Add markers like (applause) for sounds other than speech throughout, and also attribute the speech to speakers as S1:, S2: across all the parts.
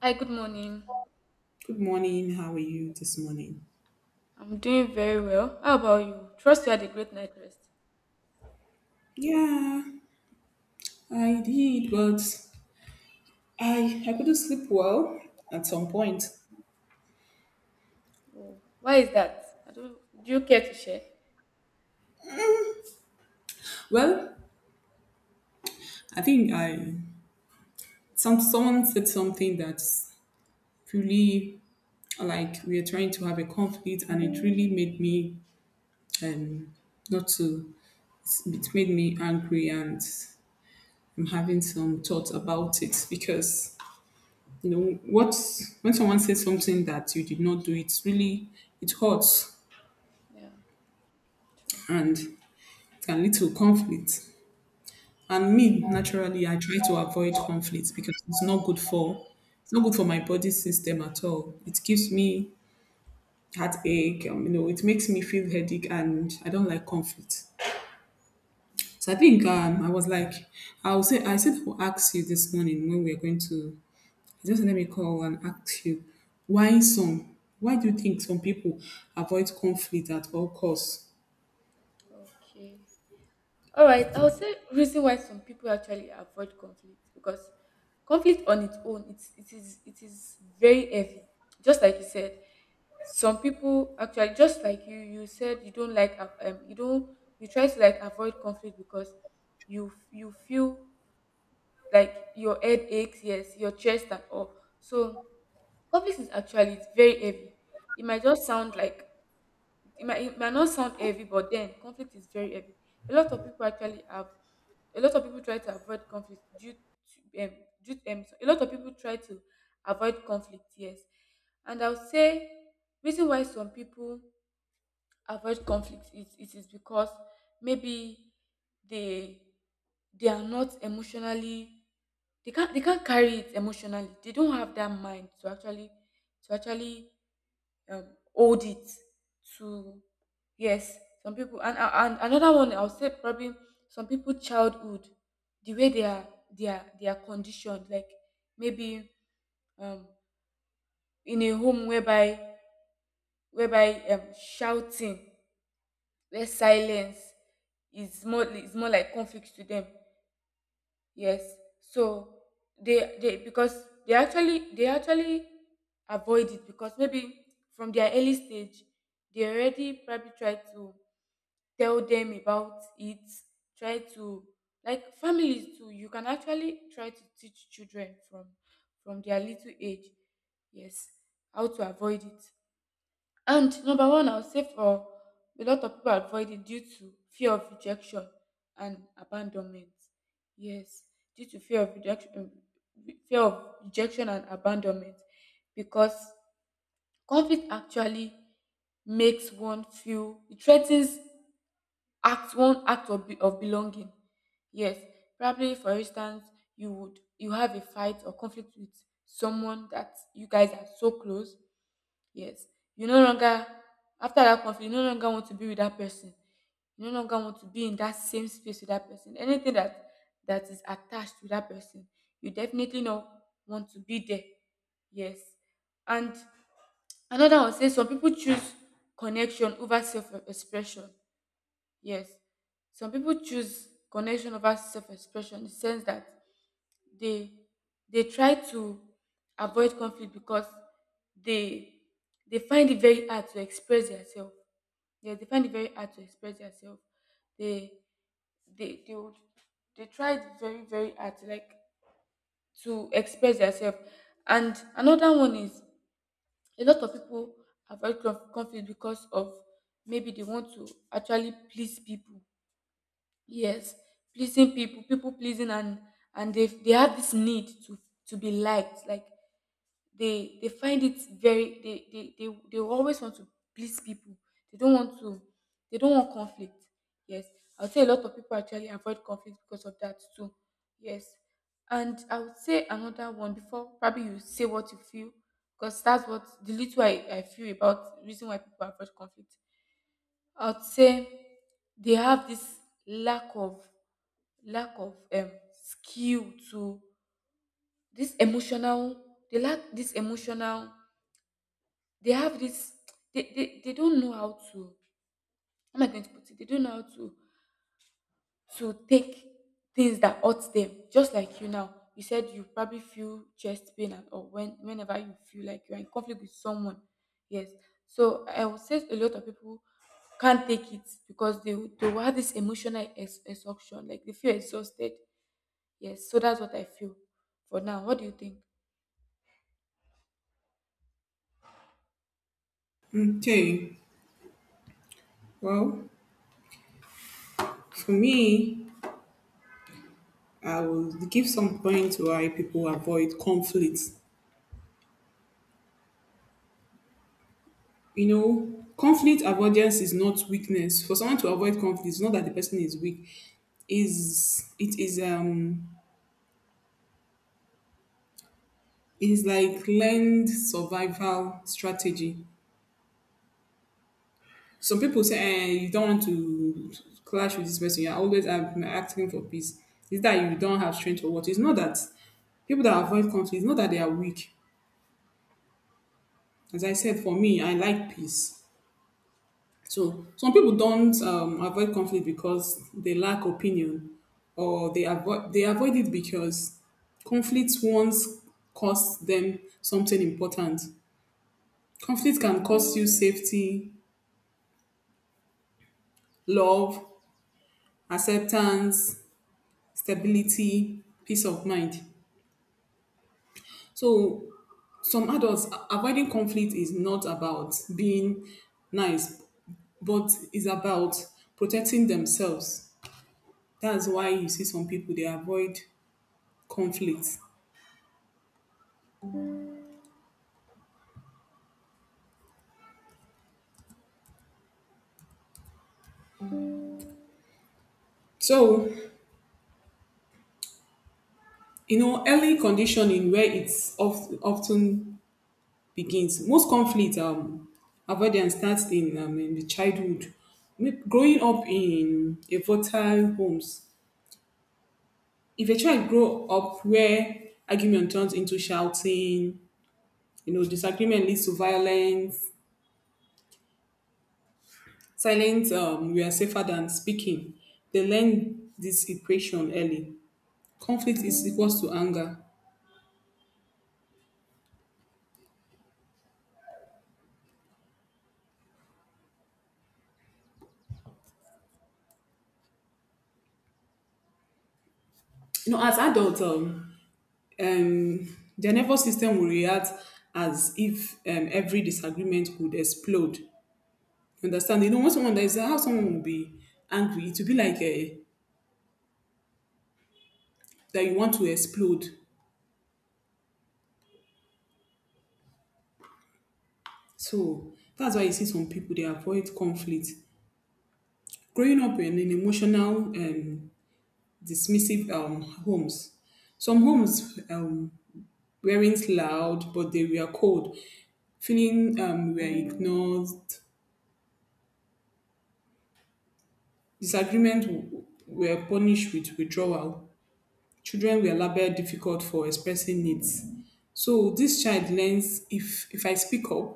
S1: Hi, good morning.
S2: Good morning. How are you this morning?
S1: I'm doing very well. How about you? Trust you had a great night rest.
S2: Yeah, I did, but I couldn't sleep well at some point.
S1: Oh, why is that? I don't, do you care to share?
S2: Well, I think I some someone said something that's really like we are trying to have a conflict, and it really made me um not to it made me angry, and I'm having some thoughts about it because you know what when someone says something that you did not do, it hurts
S1: Yeah, true.
S2: and can lead to conflict. And me, naturally, I try to avoid conflict because it's not good for my body system at all. It gives me heartache. It makes me feel headache, and I don't like conflict. So I think I was like, I said I will ask you this morning when we are going to just let me call and ask you why do you think some people avoid conflict at all costs?
S1: Okay. All right. I'll say reason why some people actually avoid conflict because conflict on its own, it is very heavy. Just like you said, some people actually, just like you said, you don't like, you don't, you try to like avoid conflict because you feel like your head aches, yes, your chest and all. So coffee is actually, it's very heavy. It might just sound like it might not sound heavy, but then conflict is very heavy. A lot of people actually have a lot of people try to avoid conflict due to so a lot of people try to avoid conflict, yes. And I'll say reason why some people avoid conflict, it is because maybe they they are not emotionally, they can't carry it emotionally, they don't have that mind to actually to actually um, hold it to, yes, some people. And another one I'll say, probably some people childhood, the way they are conditioned, like maybe, um in a home whereby, shouting, where silence is more like conflict to them, yes. So they because they actually avoid it because maybe from their early stage they already probably try to tell them about it, try to, like families too, you can actually try to teach children from their little age, yes, how to avoid it. And number one, I would say, for a lot of people avoid it due to fear of rejection and abandonment. Yes, due to fear of rejection and abandonment, because conflict actually makes one feel, it threatens act one act of, be, of belonging. Yes, probably for instance, you have a fight or conflict with someone that you guys are so close. Yes, you no longer, after that conflict, you no longer want to be with that person. You no longer want to be in that same space with that person. Anything that is attached to that person, you definitely not want to be there. Yes. And another one says, some people choose connection over self-expression. Yes, some people choose connection over self-expression, in the sense that they they try to avoid conflict because they they find it very hard to express themselves. Yeah, they find it very hard to express themselves. They, would, they tried very hard to like to express themselves. And another one is, a lot of people avoid conflict because of, maybe they want to actually please people. Yes, pleasing people, people pleasing, and they have this need to be liked, like they find it very they they always want to please people. They don't want to, they don't want conflict, yes. I would say a lot of people actually avoid conflict because of that too, yes. And I would say another one, before probably you say what you feel, because that's what the little I feel about reason why people avoid conflict. I would say they have this lack of, skill to, this emotional, they lack this emotional, they have this, they don't know how to, how am I going to put it, they don't know how to take things that hurt them, just like you now, you said you probably feel chest pain and, or when whenever you feel like you're in conflict with someone, yes. So I would say a lot of people can't take it because they will have this emotional exhaustion, like they feel exhausted. Yes, so that's what I feel for now. What do you think?
S2: Okay, well, for me, I will give some points why people avoid conflict. You know, conflict avoidance is not weakness. For someone to avoid conflict, it's not that the person is weak. Is it is It's like learned survival strategy. Some people say, eh, you don't want to clash with this person. You're always asking for peace. Is that you don't have strength or what? It's not that people that avoid conflict. It's not that they are weak. As I said, for me, I like peace. So some people don't avoid conflict because they lack opinion, or they avoid it because conflict once cost them something important. Conflict can cost you safety, love, acceptance, stability, peace of mind. So some adults avoiding conflict is not about being nice, but is about protecting themselves. That's why you see some people they avoid conflict. So, you know, early conditioning where often begins. Most conflict avoidance starts in the childhood. Growing up in a volatile homes. If a child grow up where argument turns into shouting, you know, disagreement leads to violence, silence we are safer than speaking. They learn this equation early. Conflict is equals to anger. You know, as adults, their nervous system will react as if every disagreement could explode. You understand? You know, when someone that is how someone will be angry, it will be like a, that you want to explode. So that's why you see some people they avoid conflict. Growing up in emotional dismissive homes, some homes weren't loud, but they were cold. Feeling were ignored, disagreement were punished with withdrawal. Children were labeled difficult for expressing needs. So this child learns if I speak up,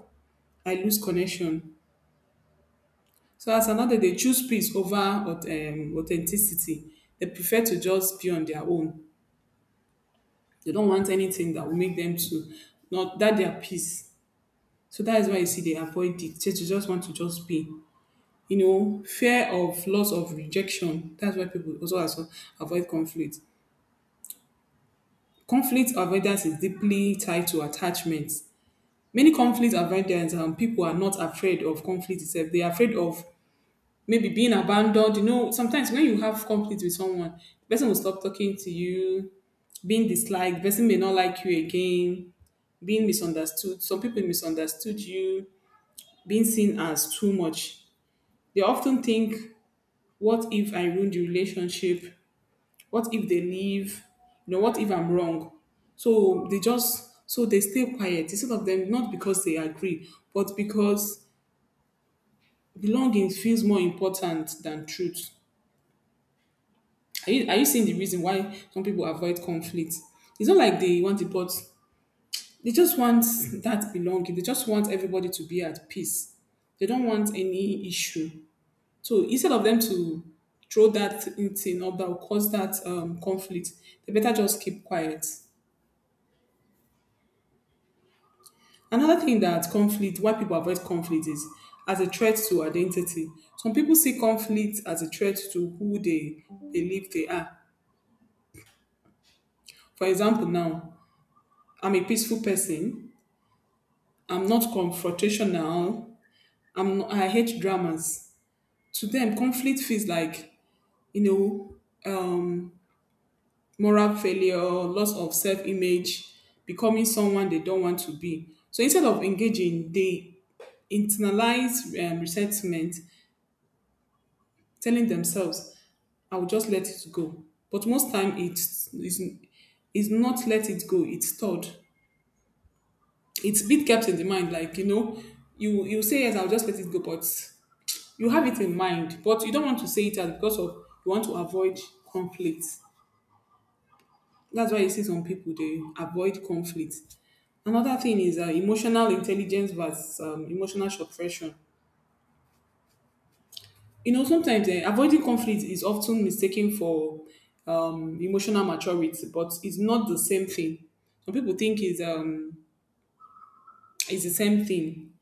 S2: I lose connection. So as another, they choose peace over authenticity. They prefer to just be on their own. They don't want anything that will make them to not that their peace. So that is why you see they avoid it. Just they just want to just be. You know, fear of loss of rejection. That's why people also avoid conflict. Conflict avoidance is deeply tied to attachment. Many conflict avoidance, people are not afraid of conflict itself. They are afraid of maybe being abandoned. You know, sometimes when you have conflict with someone, the person will stop talking to you, being disliked, the person may not like you again, being misunderstood. Some people misunderstood you, being seen as too much. They often think, what if I ruin the relationship? What if they leave? You know, what if I'm wrong? So they just so they stay quiet instead of them not because they agree, but because belonging feels more important than truth. Are you seeing the reason why some people avoid conflict? It's not like they want it, but they just want that belonging. They just want everybody to be at peace. They don't want any issue. So instead of them to throw that in thing up that will cause that conflict, they better just keep quiet. Another thing that conflict, why people avoid conflict is as a threat to identity. Some people see conflict as a threat to who they believe they are. For example, now I'm a peaceful person. I'm not confrontational. I hate dramas. To them, conflict feels like you know um, moral failure, loss of self-image, becoming someone they don't want to be. So instead of engaging, they internalize resentment, telling themselves, "I will just let it go." But most time, it's not let it go. It's stored. It's been kept in the mind like you know you say yes, I'll just let it go, but you have it in mind, but you don't want to say it out because of you want to avoid conflict. That's why you see some people they avoid conflict. Another thing is emotional intelligence versus emotional suppression. You know, sometimes avoiding conflict is often mistaken for emotional maturity, but it's not the same thing. Some people think it's the same thing.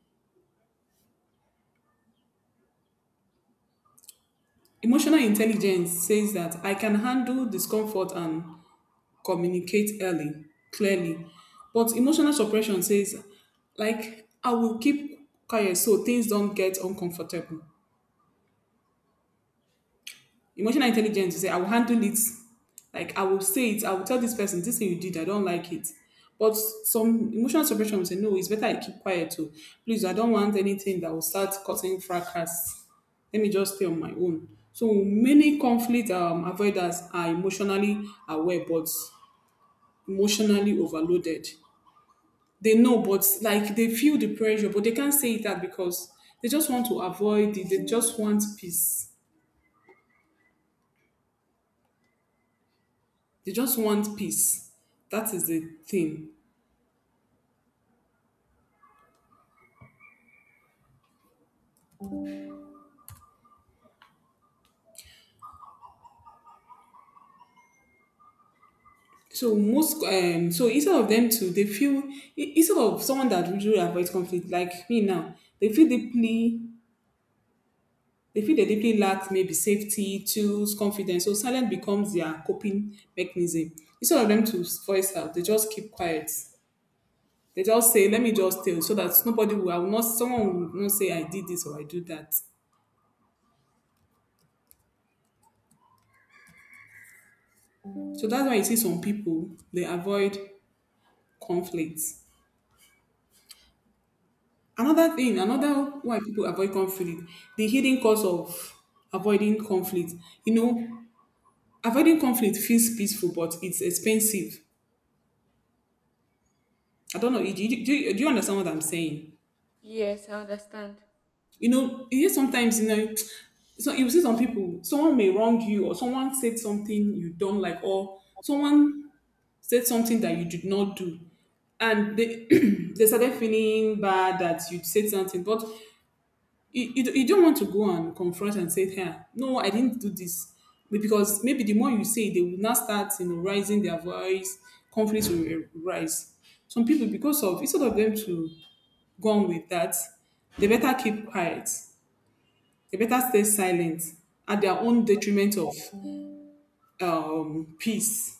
S2: Emotional intelligence says that I can handle discomfort and communicate early, clearly. But emotional suppression says, like, I will keep quiet so things don't get uncomfortable. Emotional intelligence, you say, I will handle it. Like, I will say it. I will tell this person, this thing you did, I don't like it. But some emotional suppression will say, no, it's better I keep quiet too. Please, I don't want anything that will start causing fracas. Let me just stay on my own. So many conflict avoiders are emotionally aware, but emotionally overloaded. They know, but like they feel the pressure, but they can't say it out because they just want to avoid it. They just want peace. They just want peace. That is the thing. So most so instead of them to instead of someone that usually avoids conflict like me now, they feel they deeply lack maybe safety, tools, confidence. So silence becomes their coping mechanism. Instead of them to voice out, they just keep quiet. They just say, let me just tell so that nobody will I will not someone will not say I did this or I do that. So that's why you see some people they avoid conflict. Another thing, another why people avoid conflict, the hidden cause of avoiding conflict. You know, avoiding conflict feels peaceful, but it's expensive. I don't know. Do you understand what I'm saying?
S1: Yes, I understand.
S2: You know, it is sometimes, you know, so you see some people, someone may wrong you, or someone said something you don't like, or someone said something that you did not do and they (clears throat) they started feeling bad that you said something. But you don't want to go and confront and say, hey, no, I didn't do this. But because maybe the more you say, they will now start, you know, raising their voice, conflicts will rise. Some people, because of, instead of them to go on with that, they better keep quiet. They better stay silent at their own detriment of peace.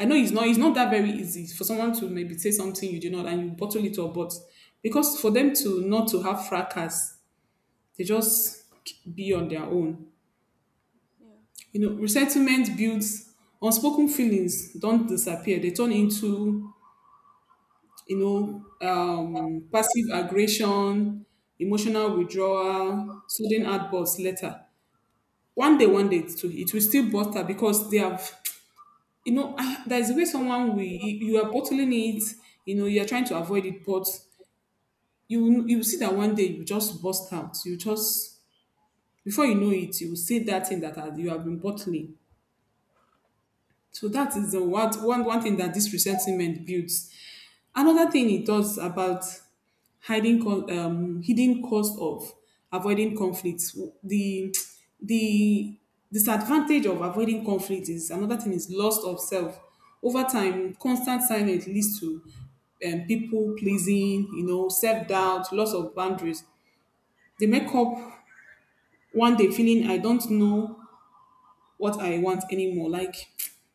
S2: I know it's not that very easy for someone to maybe say something you do not and you bottle it up, but because for them to not to have fracas, they just be on their own.
S1: Yeah.
S2: You know, resentment builds. Unspoken feelings don't disappear. They turn into, you know, passive aggression, emotional withdrawal, sudden outbursts later. One day, it will still butter because they have, you know, ah, there's a way someone will, you are bottling it, you know, you are trying to avoid it, but you will see that one day you just burst out. You just, before you know it, you will say that thing that you have been bottling. So that is the what one one thing that this resentment builds. Another thing it does about hidden cost of avoiding conflicts. The the disadvantage of avoiding conflict is another thing is loss of self. Over time, constant silence leads to people pleasing, you know, self doubt, loss of boundaries. They make up one day feeling I don't know what I want anymore. Like,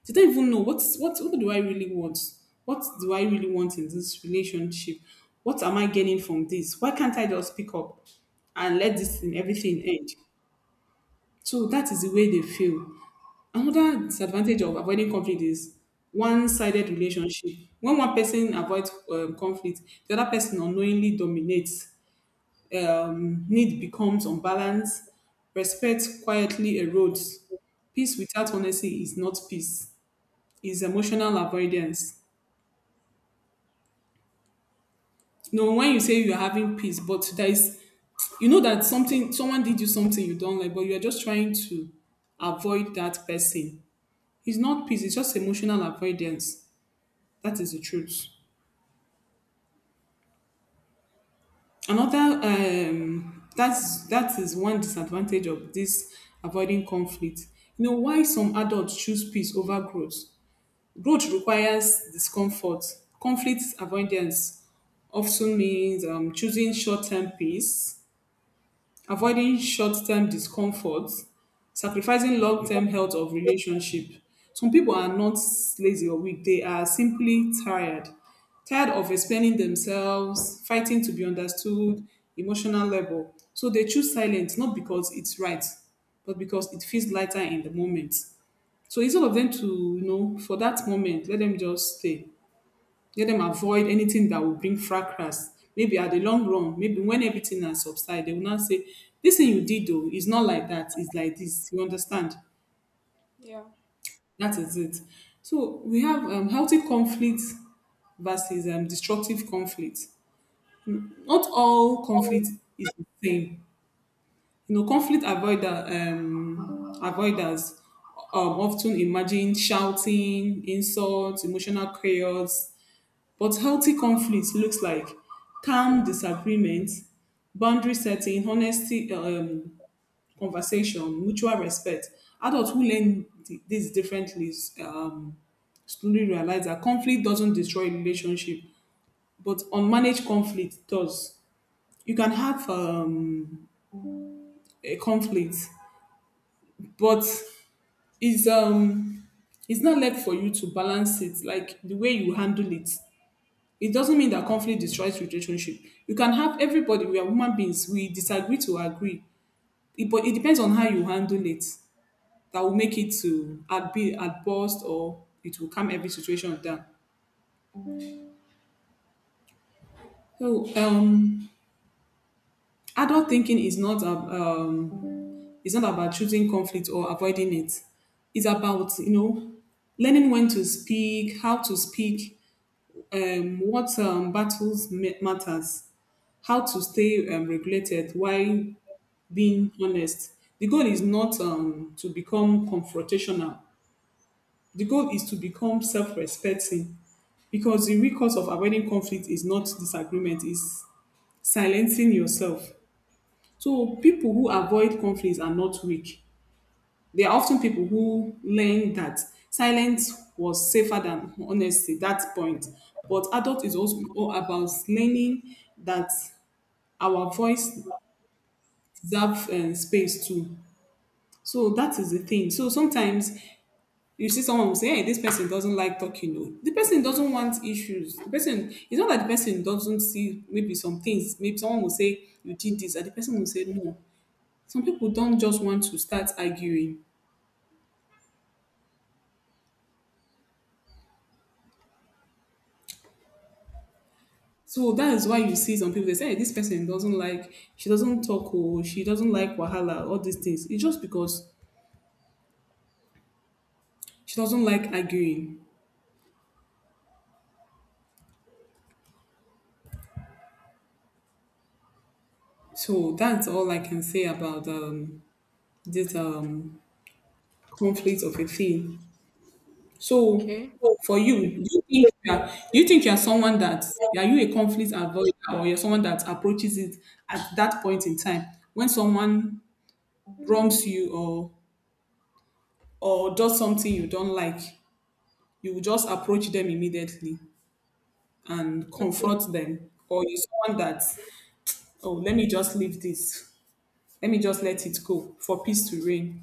S2: they don't even know what do I really want? What do I really want in this relationship? What am I getting from this? Why can't I just pick up and let this thing everything end? So that is the way they feel. Another disadvantage of avoiding conflict is one-sided relationship. When one person avoids conflict, the other person unknowingly dominates need becomes unbalanced, respect quietly erodes. Peace without honesty is not peace. It's emotional avoidance. You know, when you say you're having peace, but there is, you know that something, someone did you something you don't like, but you're just trying to avoid that person. It's not peace. It's just emotional avoidance. That is the truth. Another, that's that is one disadvantage of this avoiding conflict. You know why some adults choose peace over growth. Growth requires discomfort. Conflict avoidance often means choosing short-term peace, avoiding short-term discomfort, sacrificing long-term health of relationship. Some people are not lazy or weak; they are simply tired, tired of explaining themselves, fighting to be understood, emotional labor. So they choose silence not because it's right, but because it feels lighter in the moment. So instead of them to, you know, for that moment, let them just stay. Let them avoid anything that will bring fracas. Maybe at the long run, maybe when everything has subsided, they will not say, this thing you did though is not like that, it's like this. You understand?
S1: Yeah.
S2: That is it. So we have healthy conflict versus destructive conflict. Not all conflict is the same. You know, avoiders often imagine shouting, insults, emotional chaos. But healthy conflict looks like calm disagreement, boundary setting, honesty, conversation, mutual respect. Adults who learn these differently um, slowly realize that conflict doesn't destroy relationship, but unmanaged conflict does. You can have a conflict, but it's um, it's not left for you to balance it like the way you handle it. It doesn't mean that conflict destroys relationship. You can have everybody, we are human beings, we disagree to agree. It, but it depends on how you handle it. That will make it to at be at best or it will calm every situation down. So adult thinking is not it's not about choosing conflict or avoiding it. It's about, you know, learning when to speak, how to speak, what battles matters, how to stay regulated while being honest. The goal is not to become confrontational. The goal is to become self-respecting, because the real cause of avoiding conflict is not disagreement, is silencing yourself. So people who avoid conflicts are not weak. They are often people who learn that silence was safer than honesty, that point. But adult is also all about learning that our voice deserve space too. So that is the thing. So sometimes you see someone will say, hey, this person doesn't like talking. No, the person doesn't want issues. The person, it's not that the person doesn't see maybe some things. Maybe someone will say, you did this, and the person will say, no. Some people don't just want to start arguing. So that is why you see some people, they say, hey, this person doesn't like, she doesn't talk, or she doesn't like Wahala, all these things. It's just because she doesn't like arguing. So that's all I can say about this conflict of a thing. So
S1: Okay.
S2: for you, do you think you are, do you think you are someone that are you a conflict avoider or you're someone that approaches it at that point in time when someone wrongs you or does something you don't like, you will just approach them immediately and
S1: Okay.
S2: confront them, or you're someone that oh let me just leave this, let me just let it go for peace to reign.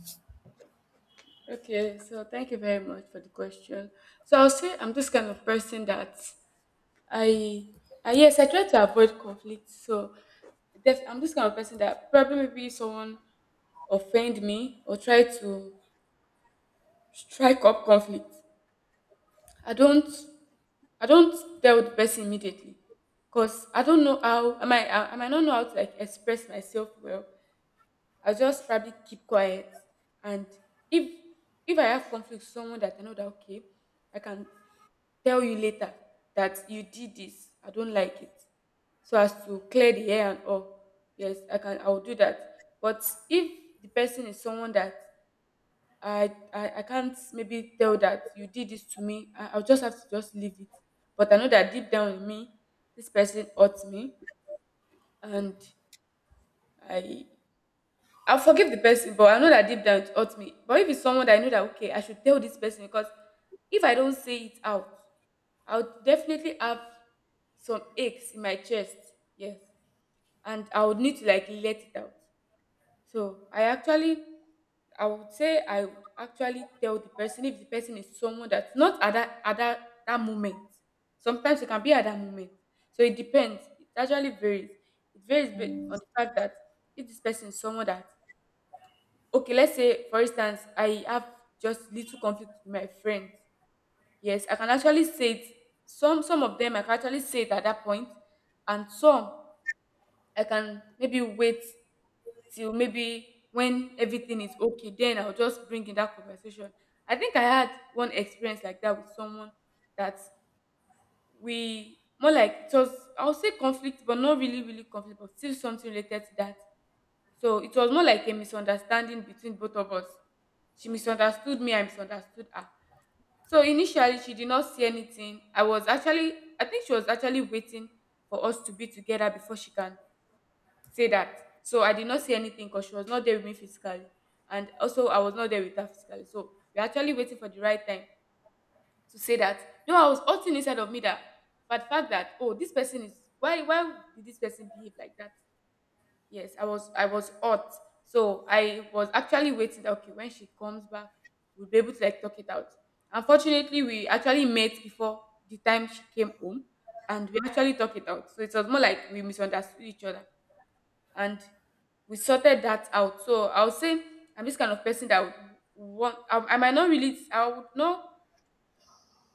S1: Okay, so thank you very much for the question. So I'll say I'm this kind of person that I, I yes, I try to avoid conflict. So, I'm this kind of person that probably maybe someone offend me or try to strike up conflict. I don't, I don't tell the person immediately because I don't know I might not know how to like express myself well. I just probably keep quiet, and if I have conflict with someone that I know that, okay, I can tell you later that you did this, I don't like it, so as to clear the air and all. Yes, I'll do that. But if the person is someone that I can't maybe tell that you did this to me, I'll just have to just leave it. But I know that deep down in me, this person hurts me. And i I'll forgive the person, but I know that deep down it hurts me. But if it's someone that I know that, okay, I should tell this person because if I don't say it out, I'll definitely have some aches in my chest. Yes. And I would need to like let it out. So I actually, I would say I would actually tell the person if the person is someone that's not at that, that moment. Sometimes it can be at that moment. So it depends. It actually varies. It varies, on the fact that if this person is someone that, okay, let's say for instance, I have just little conflict with my friends. Yes, I can actually say it. Some of them I can actually say it at that point, and some I can maybe wait till maybe when everything is okay, then I'll just bring in that conversation. I think I had one experience like that with someone that, we more like, it was, I'll say conflict but not really conflict, but still something related to that. So it was more like a misunderstanding between both of us. She misunderstood me, I misunderstood her. So initially, she did not see anything. I was actually, I think she was actually waiting for us to be together before she can say that. So I did not see anything because she was not there with me physically. And also I was not there with her physically. So we are actually waiting for the right time to say that. No, I was hurting inside of me that, but the fact that, oh, this person is, why did this person behave like that? Yes, I was hot. So I was actually waiting that, okay, when she comes back, we'll be able to like talk it out. Unfortunately, we actually met before the time she came home, and we actually talked it out. So it was more like we misunderstood each other, and we sorted that out. So I would say I'm this kind of person that would want, I might not really, I would not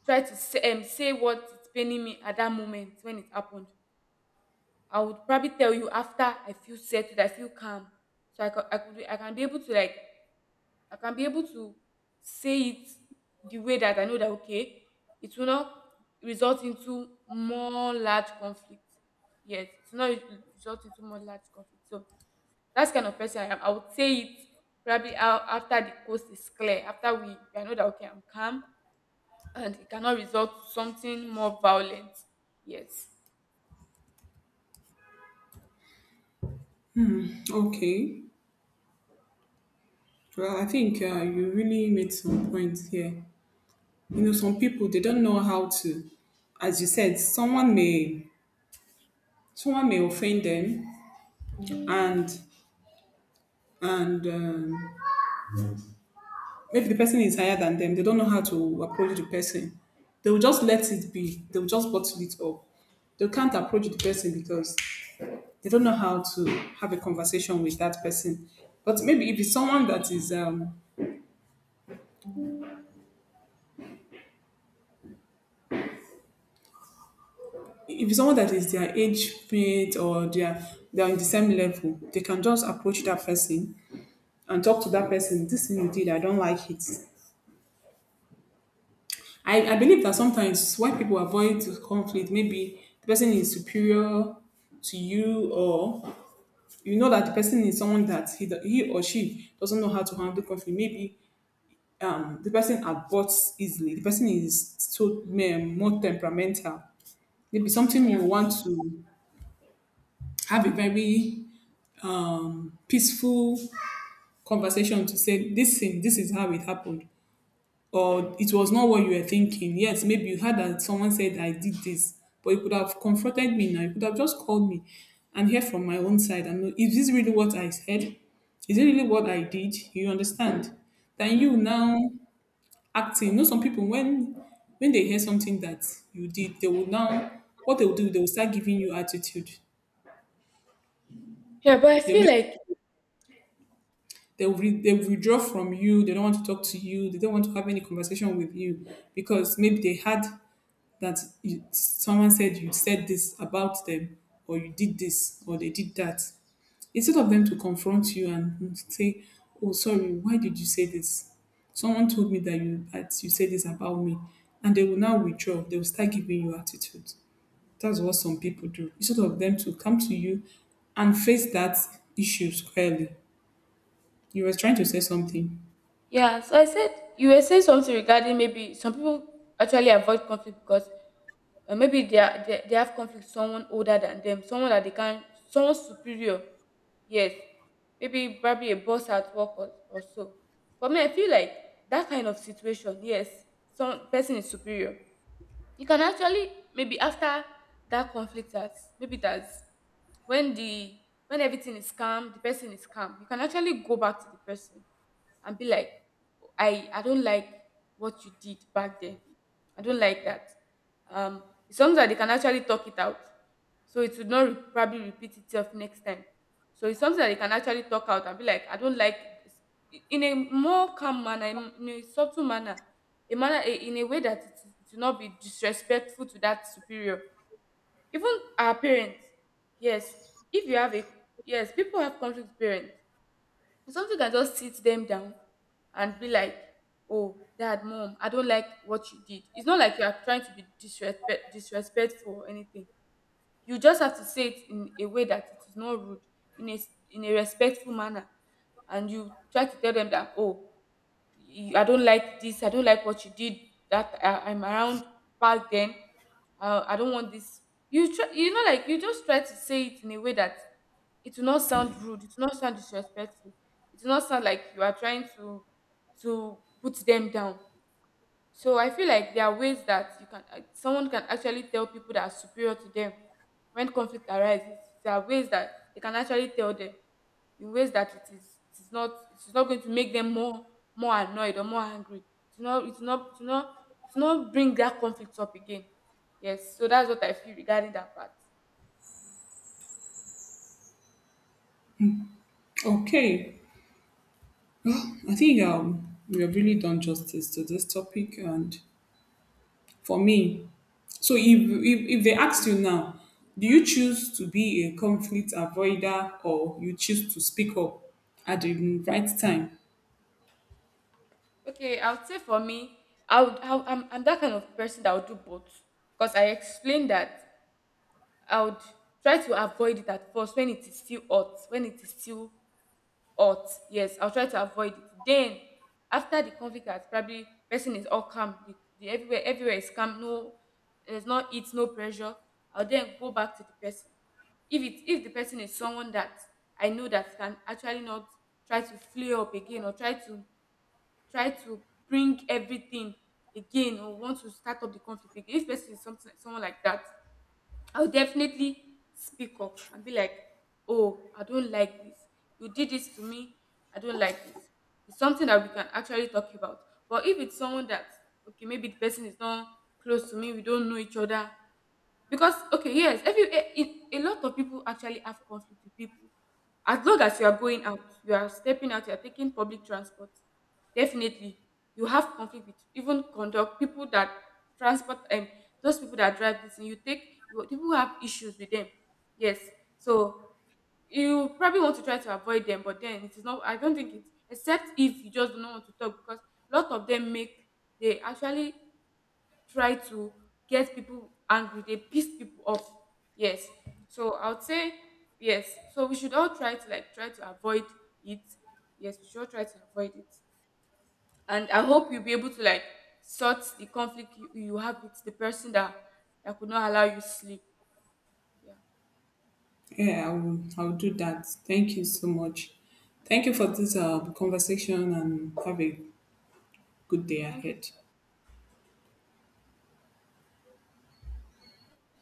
S1: try to say, say what is paining me at that moment when it happened. I would probably tell you after I feel settled, I feel calm. So I could be, I can be able to like I can be able to say it the way that I know that, okay, it will not result into more large conflict. Yes, it will not result into more large conflict. So that's kind of person I am. I would say it probably out after the coast is clear, after we, I know that, okay, I'm calm, and it cannot result to something more violent. Yes.
S2: Okay, well I think you really made some points here. You know
S1: Yeah.
S2: some people they don't know how to as you said someone may offend them and and maybe the person is higher than them, they don't know how to approach the person, they will just let it be, they will just bottle it up, they can't approach the person because they don't know how to have a conversation with that person. But maybe if it's someone that is if it's someone that is their age mate or they are in the same level, they can just approach that person and talk to that person, this thing you did, I don't like it. I believe that sometimes why people avoid conflict, maybe the person is superior to you, or you know that the person is someone that he or she doesn't know how to handle conflict. Maybe the person aborts easily, the person is so more temperamental. Maybe something you
S1: Yeah.
S2: want to have a very peaceful conversation to say, this thing, this is how it happened or it was not what you were thinking. Yes, maybe you heard that someone said I did this, but you could have confronted me now. You could have just called me and hear from my own side and know, is this really what I said? Is it really what I did? You understand? Then
S1: Yeah.
S2: you now acting. You know some people when they hear something that you did, they will now what they will do, they will start giving you attitude.
S1: Yeah, but I
S2: They may
S1: feel like.
S2: they will withdraw from you. They don't want to talk to you. They don't want to have any conversation with you because maybe they had that you, someone said you said this about them or you did this or they did that instead of them to confront you and say oh sorry why did you say this, someone told me that you said this about me, and they will now withdraw, they will start giving you attitude. That's what some people do instead of them to come to you and face that issue squarely. You were trying to say something.
S1: Yeah, so I said you were saying something regarding maybe some people actually avoid conflict because, maybe they have conflict with someone older than them, someone that they can, someone superior. Yes, maybe probably a boss at work, or so. But me, I feel like that kind of situation, yes, some person is superior, you can actually maybe after that conflict that, maybe that's when the when everything is calm, the person is calm, you can actually go back to the person and be like, I don't like what you did back then, I don't like that, um it's something that they can actually talk it out, so it would not probably repeat itself next time. So it's something that they can actually talk out and be like, I don't like this, in a more calm manner, in a subtle manner, a manner, in a way that it will not be disrespectful to that superior. Even our parents, yes, if you have a, yes, people have conflict with parents, something can just sit them down and be like, oh, dad, mom, I don't like what you did. It's not like you are trying to be disrespectful or anything. You just have to say it in a way that it is not rude, in a in a respectful manner. And you try to tell them that, oh, you, I don't like this. I don't like what you did that I'm around back then. I don't want this. You try, you know, like, you just try to say it in a way that it will not sound rude. It will not sound disrespectful. It will not sound like you are trying to put them down. So I feel like there are ways that you can, someone can actually tell people that are superior to them when conflict arises. There are ways that they can actually tell them in ways that it is not going to make them more, annoyed or more angry. It's not it's not it's not it's not bring that conflict up again. Yes, so that's what I feel regarding that part.
S2: Okay, I think we have really done justice to this topic and for me. So if, if they ask you now, do you choose to be a conflict avoider or you choose to speak up at the right time?
S1: Okay, I would say, for me, I would, I'm that kind of person that would do both, because I explained that I would try to avoid it at first when it is still hot. When it is still hot, yes, I'll try to avoid it. Then, after the conflict has, probably person is all calm, the everywhere, everywhere is calm. No, there's no heat, no pressure. I'll then go back to the person. If it if the person is someone that I know that can actually not try to flare up again, or try to, try to bring everything again, or want to start up the conflict again. If person is something, someone like that, I'll definitely speak up and be like, oh, I don't like this. You did this to me. I don't like this. It's something that we can actually talk about. But if it's someone that, okay, maybe the person is not close to me, we don't know each other, because, okay, yes, a lot of people actually have conflict with people. As long as you are going out, you are stepping out, you are taking public transport. Definitely, you have conflict with even conduct people that transport, those people that drive this thing, you take, you, people who have issues with them. Yes, so you probably want to try to avoid them, but then it is not. I don't think it, except if you just do not want to talk, because a lot of them make, they actually try to get people angry, they piss people off, yes. So I would say, yes, so we should all try to like try to avoid it. Yes, we should all try to avoid it. And I hope you'll be able to like sort the conflict you have with the person that could not allow you sleep. Yeah.
S2: Yeah, I will, I will do that. Thank you so much.
S1: Yeah,
S2: Thank
S1: you're
S2: you for
S1: welcome.
S2: this conversation and have a
S1: Yeah.
S2: good day
S1: Thank
S2: ahead.
S1: you.